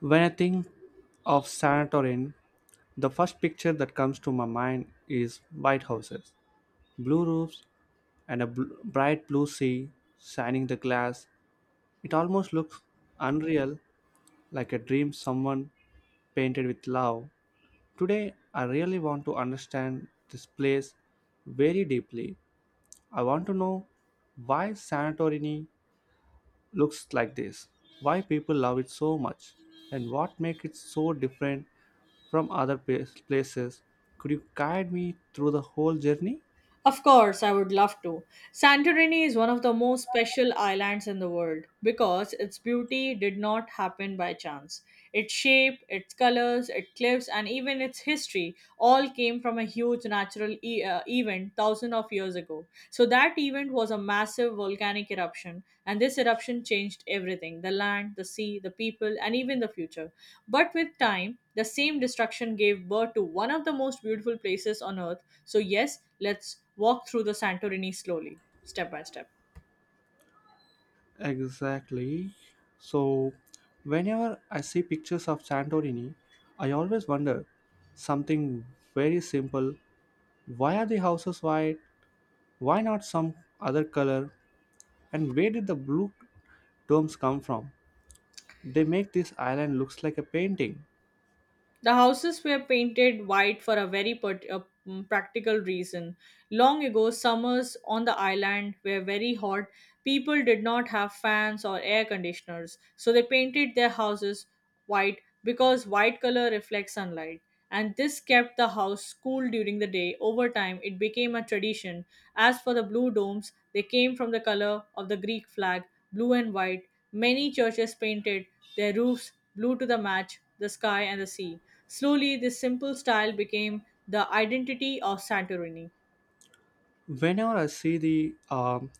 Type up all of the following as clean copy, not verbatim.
When I think of Santorin, the first picture that comes to my mind is white houses, blue roofs, and a bright blue sea shining the glass. It almost looks unreal, like a dream someone painted with love. Today, I really want to understand this place very deeply. I want to know why Santorini looks like this, why people love it so much, and what makes it so different from other places. Could you guide me through the whole journey? Of course, I would love to. Santorini is one of the most special islands in the world because its beauty did not happen by chance. Its shape, its colors, its cliffs, and even its history all came from a huge natural event thousands of years ago. So that event was a massive volcanic eruption, and this eruption changed everything, the land, the sea, the people, and even the future. But with time, the same destruction gave birth to one of the most beautiful places on earth. So, yes, let's walk through the Santorini slowly, step by step. Exactly. So, whenever I see pictures of Santorini, I always wonder something very simple. Why are the houses white? Why not some other color? And where did the blue domes come from? They make this island looks like a painting. The houses were painted white for a very practical reason. Long ago, summers on the island were very hot. People did not have fans or air conditioners, so they painted their houses white because white color reflects sunlight. And this kept the house cool during the day. Over time, it became a tradition. As for the blue domes, they came from the color of the Greek flag, blue and white. Many churches painted their roofs blue to the match, the sky, and the sea. Slowly, this simple style became the identity of Santorini. Whenever I see the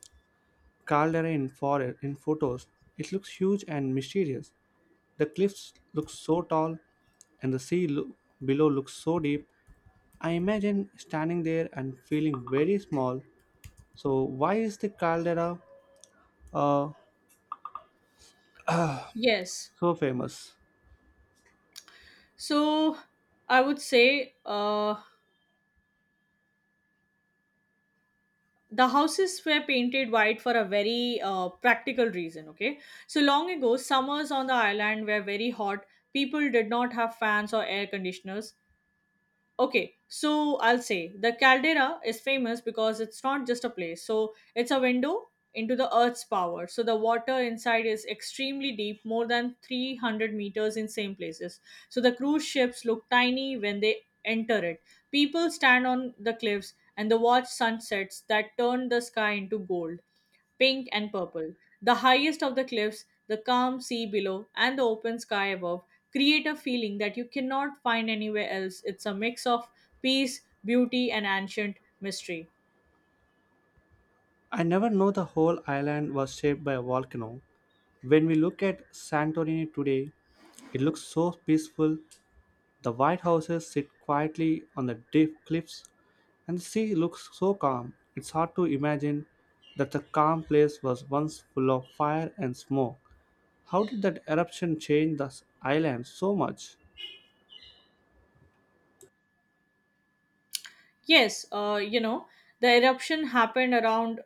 Caldera in photos, it looks huge and mysterious. The cliffs look so tall and the sea below looks so deep. I imagine standing there and feeling very small. So, why is the caldera uh, Yes. so famous? So I would say, the houses were painted white for a very practical reason. Okay. So long ago, summers on the island were very hot. People did not have fans or air conditioners. Okay, so I'll say the caldera is famous because it's not just a place. So it's a window into the earth's power. So the water inside is extremely deep, more than 300 meters in same places. So the cruise ships look tiny when they enter it. People stand on the cliffs and they watch sunsets that turn the sky into gold, pink and purple. The highest of the cliffs, the calm sea below, and the open sky above create a feeling that you cannot find anywhere else. It's a mix of peace, beauty, and ancient mystery. I never know the whole island was shaped by a volcano. When we look at Santorini today, it looks so peaceful. The white houses sit quietly on the deep cliffs, and the sea looks so calm it's hard to imagine that the calm place was once full of fire and smoke. How did that eruption change the island so much? Yes, you know, the eruption happened around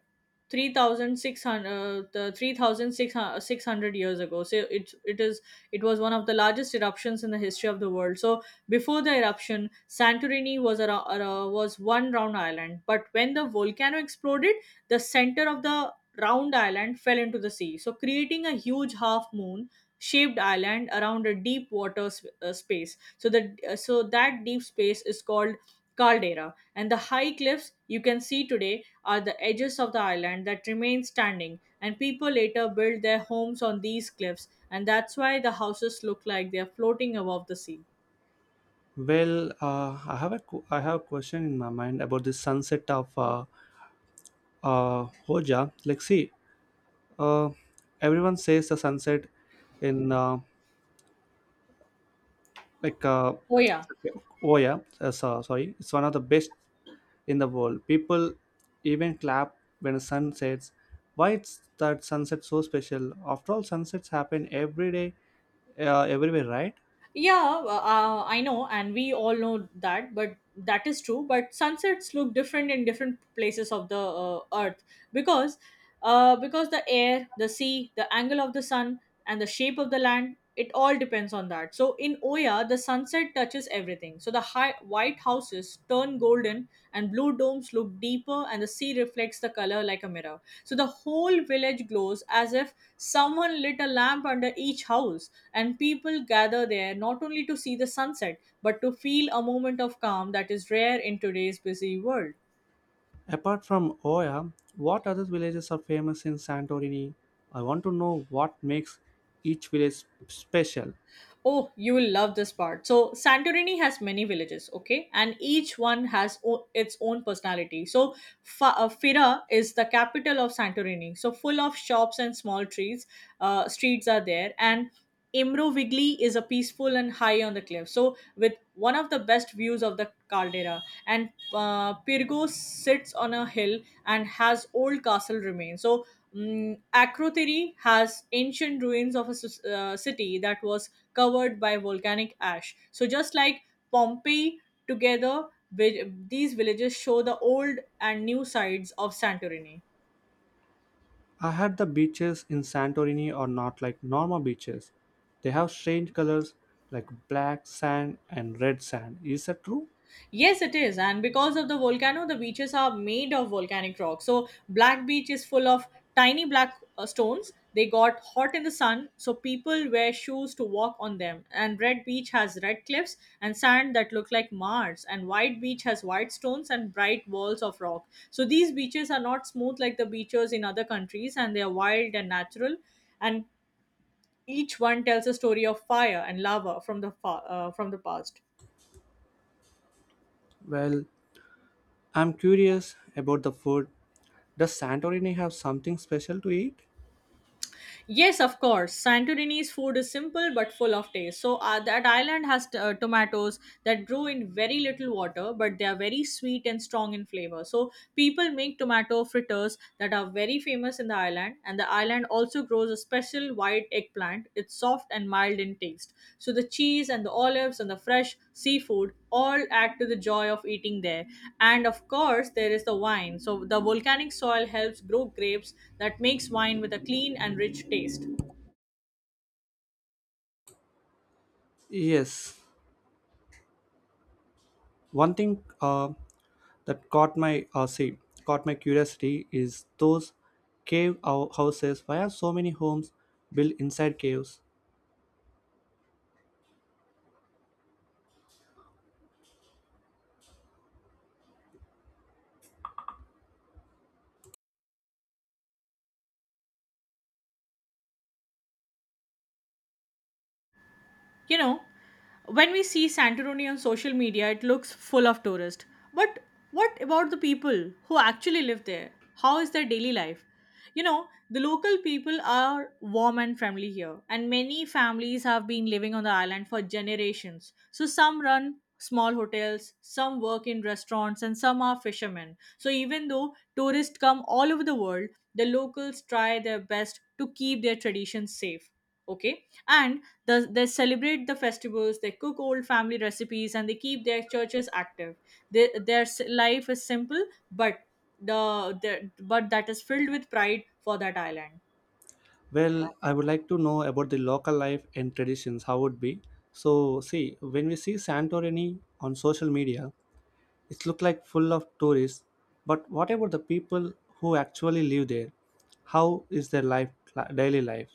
3600 years ago. So it is it was one of the largest eruptions in the history of the world. So before the eruption, Santorini was a was one round island, but when the volcano exploded, the center of the round island fell into the sea, so creating a huge half moon shaped island around a deep water space. So the so that deep space is called caldera, and the high cliffs you can see today are the edges of the island that remain standing, and people later built their homes on these cliffs, and that's why the houses look like they are floating above the sea. Well, I have a question in my mind about the sunset of Hoja. Like, see, uh, everyone says the sunset in like uh, Oh, yeah. Oya. Sorry, it's one of the best in the world. People even clap when the sun sets. Why is that sunset so special? After all, sunsets happen every day, everywhere, right? Yeah, I know, and we all know that, but that is true. But sunsets look different in different places of the earth because, because the air, the sea, the angle of the sun, and the shape of the land, it all depends on that. So in Oya, the sunset touches everything. So the high, white houses turn golden, and blue domes look deeper, and the sea reflects the color like a mirror. So the whole village glows as if someone lit a lamp under each house, and people gather there not only to see the sunset but to feel a moment of calm that is rare in today's busy world. Apart from Oya, what other villages are famous in Santorini? I want to know what makes each village special. Oh, you will love this part. So, Santorini has many villages, okay? And each one has its own personality. So, Fira is the capital of Santorini. So, full of shops and small trees. Streets are there. And Imrovigli is a peaceful and high on the cliff. So, with one of the best views of the caldera. And Pirgo sits on a hill and has old castle remains. So, Akrotiri has ancient ruins of a city that was covered by volcanic ash. So, just like Pompeii, together, these villages show the old and new sides of Santorini. I heard the beaches in Santorini are not like normal beaches. They have strange colors like black sand and red sand. Is that true? Yes, it is. And because of the volcano, the beaches are made of volcanic rock. So, Black Beach is full of tiny black stones. They got hot in the sun, so people wear shoes to walk on them. And Red Beach has red cliffs and sand that look like Mars. And White Beach has white stones and bright walls of rock. So, these beaches are not smooth like the beaches in other countries, and they are wild and natural. And each one tells a story of fire and lava from from the past. Well, I'm curious about the food. Does Santorini have something special to eat? Yes, of course. Santorini's food is simple but full of taste. So, that island has tomatoes that grow in very little water, but they are very sweet and strong in flavor. So, people make tomato fritters that are very famous in the island, and the island also grows a special white eggplant. It's soft and mild in taste. So, the cheese and the olives and the fresh seafood, all add to the joy of eating there. And of course, there is the wine. So the volcanic soil helps grow grapes that makes wine with a clean and rich taste. Yes. One thing that caught my caught my curiosity is those houses. Why are so many homes built inside caves? You know, when we see Santorini on social media, it looks full of tourists. But what about the people who actually live there? How is their daily life? You know, the local people are warm and friendly here, and many families have been living on the island for generations. So, some run small hotels, some work in restaurants, and some are fishermen. So, even though tourists come all over the world, the locals try their best to keep their traditions safe. Okay, and they celebrate the festivals, they cook old family recipes, and they keep their churches active. Their life is simple, but the but that is filled with pride for that island. Well, I would like to know about the local life and traditions. How would be? So see, when we see Santorini on social media, it look like full of tourists. But what about the people who actually live there? How is their life, daily life?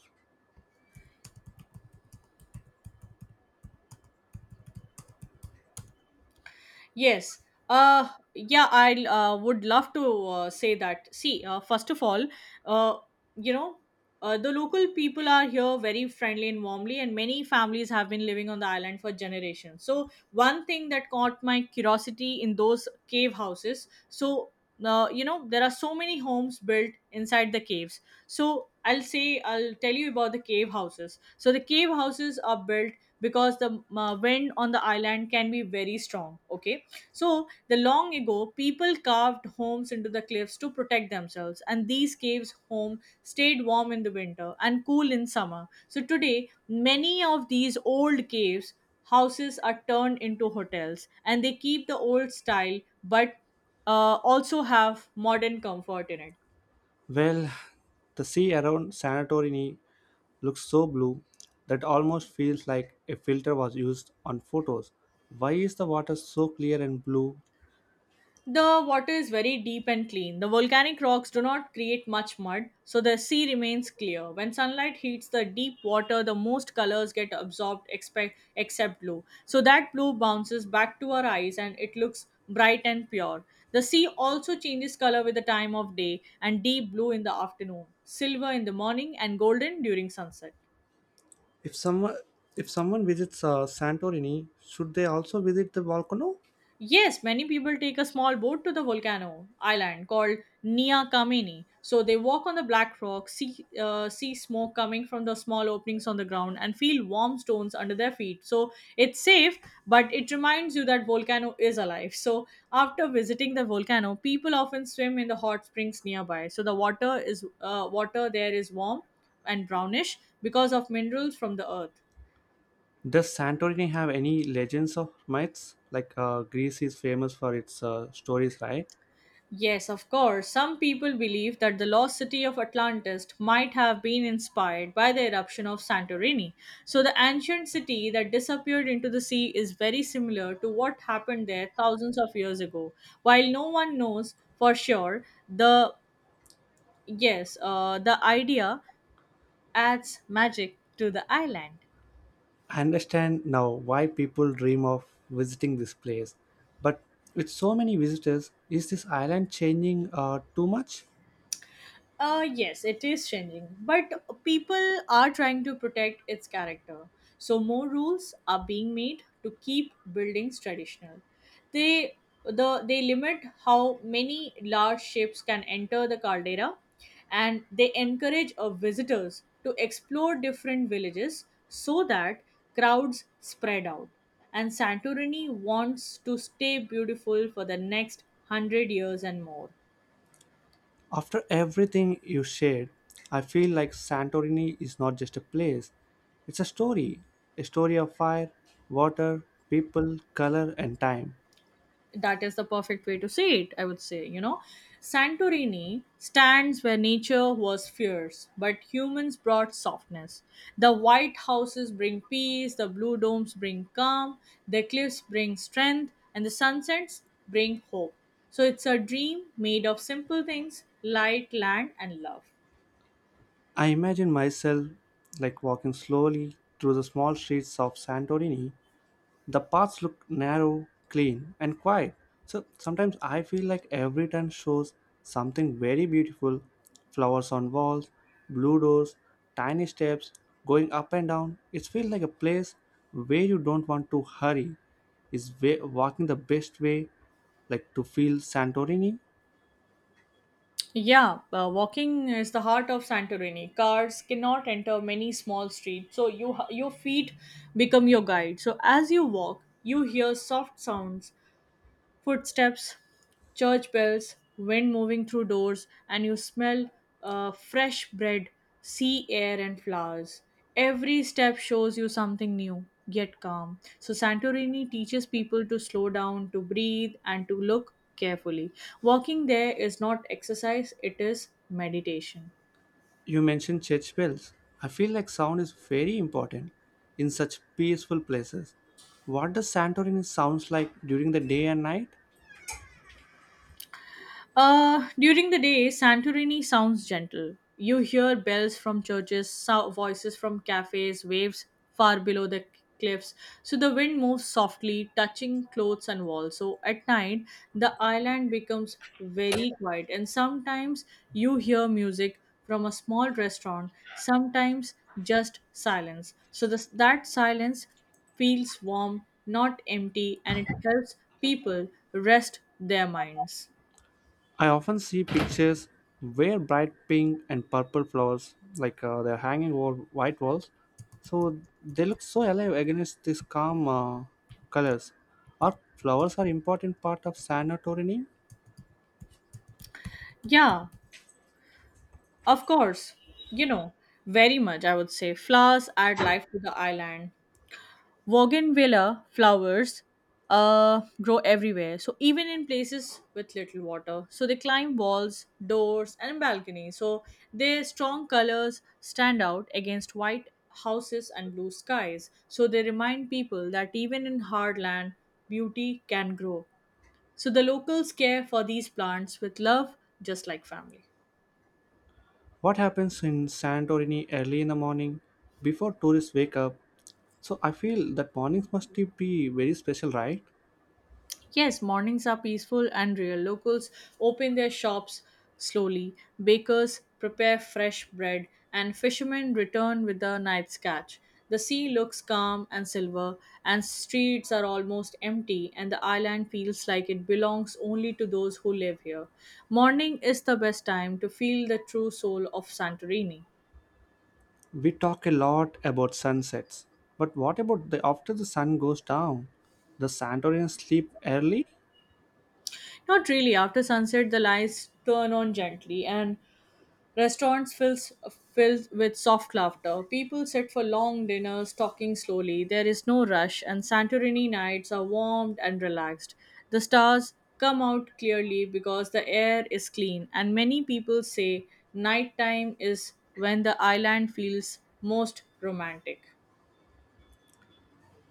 Yes. Uh, yeah, I would love to say that. See, first of all, uh, you know, the local people are here very friendly and warmly, and many families have been living on the island for generations. So, one thing that caught my curiosity in those cave houses. So, you know, there are so many homes built inside the caves. So, I'll say, I'll tell you about the cave houses. So, the cave houses are built because the wind on the island can be very strong, okay? So, the long ago, people carved homes into the cliffs to protect themselves, and these caves' home stayed warm in the winter and cool in summer. So, today, many of these old caves houses are turned into hotels and they keep the old style, but also have modern comfort in it. Well, the sea around Santorini looks so blue that almost feels like a filter was used on photos. Why is the water so clear and blue? The water is very deep and clean. The volcanic rocks do not create much mud, so the sea remains clear. When sunlight heats the deep water, the most colors get absorbed except blue. So that blue bounces back to our eyes and it looks bright and pure. The sea also changes color with the time of day and deep blue in the afternoon, silver in the morning, and golden during sunset. If someone if someone visits Santorini, should they also visit the volcano? Yes, many people take a small boat to the volcano island called Nia Kameni. So they walk on the black rock, see smoke coming from the small openings on the ground, and feel warm stones under their feet. So it's safe, but it reminds you that volcano is alive. So after visiting the volcano, people often swim in the hot springs nearby. So the water is water there is warm and brownish because of minerals from the earth. Does Santorini have any legends or myths? Like Greece is famous for its stories, right? Yes, of course. Some people believe that the lost city of Atlantis might have been inspired by the eruption of Santorini. So, the ancient city that disappeared into the sea is very similar to what happened there thousands of years ago. While no one knows for sure, the idea adds magic to the island. I understand now why people dream of visiting this place. But with so many visitors, is this island changing too much? Yes, it is changing, but people are trying to protect its character. So more rules are being made to keep buildings traditional. They they limit how many large ships can enter the caldera, and they encourage visitors to explore different villages so that crowds spread out. And Santorini wants to stay beautiful for the next 100 years and more. After everything you shared, I feel like Santorini is not just a place, it's a story, a story of fire, water, people, color, and time. That is the perfect way to say it. I would say, you know, Santorini stands where nature was fierce but humans brought softness. The white houses bring peace, the blue domes bring calm, the cliffs bring strength, and the sunsets bring hope. So it's a dream made of simple things, light, land and love. I imagine myself like walking slowly through the small streets of Santorini, the paths look narrow, clean, and quiet. So sometimes I feel like every turn shows something very beautiful, flowers on walls, blue doors, tiny steps, going up and down. It feels like a place where you don't want to hurry. Is way walking the best way, like to feel Santorini? Yeah, walking is the heart of Santorini. Cars cannot enter many small streets, so your feet become your guide. So as you walk, you hear soft sounds. Footsteps, church bells, wind moving through doors, and you smell fresh bread, sea air, and flowers. Every step shows you something new, yet calm. So, Santorini teaches people to slow down, to breathe, and to look carefully. Walking there is not exercise, it is meditation. You mentioned church bells. I feel like sound is very important in such peaceful places. What does Santorini sounds like during the day and night? During the day, Santorini sounds gentle. You hear bells from churches, voices from cafes, waves far below the cliffs. So the wind moves softly, touching clothes and walls. So at night, the island becomes very quiet, and sometimes you hear music from a small restaurant, sometimes just silence. So that silence feels warm, not empty, and it helps people rest their minds. I often see pictures where bright pink and purple flowers, like they're hanging over white walls, so they look so alive against these calm colors. Are flowers are important part of Santorini? Yeah, of course. You know, very much, I would say. Flowers add life to the island. Bougainvillea flowers grow everywhere. So, even in places with little water. So, they climb walls, doors, and balconies. So, their strong colors stand out against white houses and blue skies. So, they remind people that even in hard land, beauty can grow. So, the locals care for these plants with love, just like family. What happens in Santorini early in the morning, before tourists wake up? So I feel that mornings must be very special, right? Yes, mornings are peaceful and real. Locals open their shops slowly, bakers prepare fresh bread, and fishermen return with the night's catch. The sea looks calm and silver, and streets are almost empty, and the island feels like it belongs only to those who live here. Morning is the best time to feel the true soul of Santorini. We talk a lot about sunsets, but what about the after the sun goes down? The Santorinians sleep early? Not really. After sunset, the lights turn on gently, and restaurants filled with soft laughter. People sit for long dinners, talking slowly. There is no rush, and Santorini nights are warmed and relaxed. The stars come out clearly because the air is clean, and many people say nighttime is when the island feels most romantic.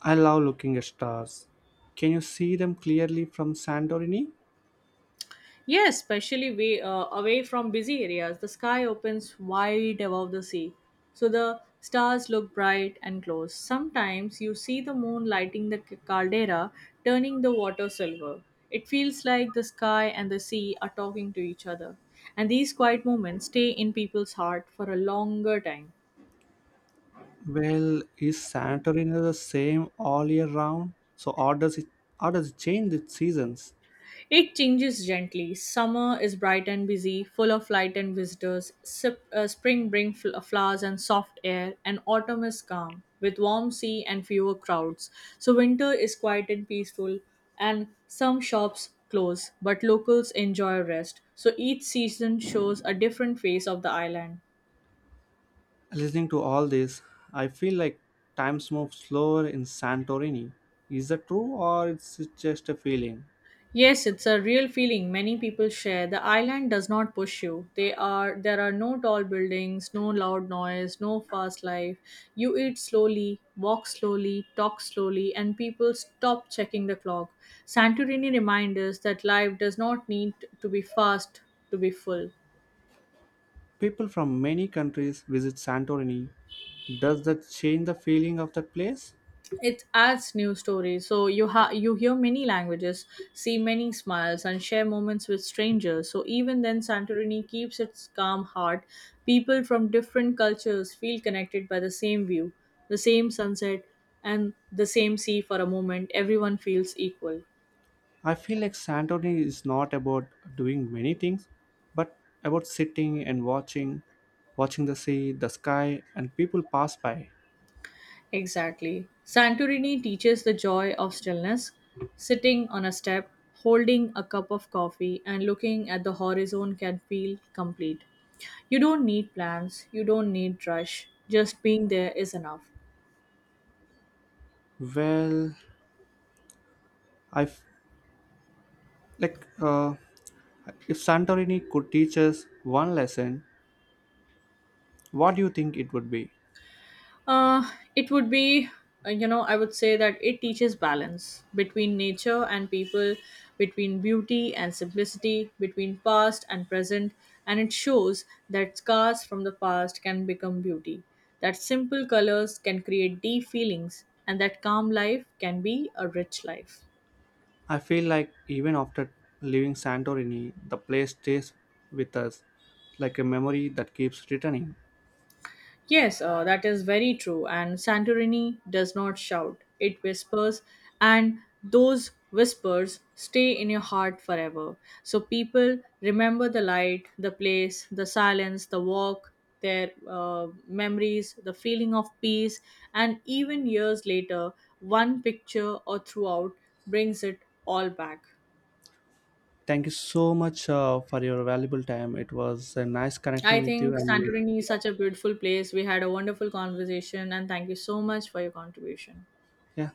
I love looking at stars. Can you see them clearly from Santorini? Yes, especially away from busy areas, the sky opens wide above the sea. So the stars look bright and close. Sometimes you see the moon lighting the caldera, turning the water silver. It feels like the sky and the sea are talking to each other. And these quiet moments stay in people's heart for a longer time. Well, is Santorini the same all year round? So, or does it change with seasons? It changes gently. Summer is bright and busy, full of light and visitors. Spring brings flowers and soft air, and autumn is calm, with warm sea and fewer crowds. So winter is quiet and peaceful, and some shops close, but locals enjoy rest. So each season shows a different face of the island. Listening to all this, I feel like times move slower in Santorini. Is that true, or is it just a feeling? Yes, it's a real feeling many people share. The island does not push you. They are There are no tall buildings, no loud noise, no fast life. You eat slowly, walk slowly, talk slowly, and people stop checking the clock. Santorini reminds us that life does not need to be fast to be full. People from many countries visit Santorini. Does that change the feeling of that place? It adds new stories. So you hear many languages, see many smiles, and share moments with strangers. So even then, Santorini keeps its calm heart. People from different cultures feel connected by the same view, the same sunset, and the same sea for a moment. Everyone feels equal. I feel like Santorini is not about doing many things, but about sitting and watching, watching the sea, the sky, and people pass by. Exactly. Santorini teaches the joy of stillness. Sitting on a step, holding a cup of coffee, and looking at the horizon can feel complete. You don't need plans, you don't need rush, just being there is enough. Well, I f- like if Santorini could teach us one lesson, what do you think it would be? Uh, it would be, you know, I would say that it teaches balance between nature and people, between beauty and simplicity, between past and present, and it shows that scars from the past can become beauty, that simple colors can create deep feelings, and that calm life can be a rich life. I feel like even after leaving Santorini, the place stays with us like a memory that keeps returning. Yes, that is very true. And Santorini does not shout, it whispers, and those whispers stay in your heart forever. So people remember the light, the place, the silence, the walk, their memories, the feeling of peace, and even years later, one picture or throughout brings it all back. Thank you so much for your valuable time. It was nice connecting I with you, think and we, Santorini is such a beautiful place. We had a wonderful conversation, and thank you so much for your contribution. yeah,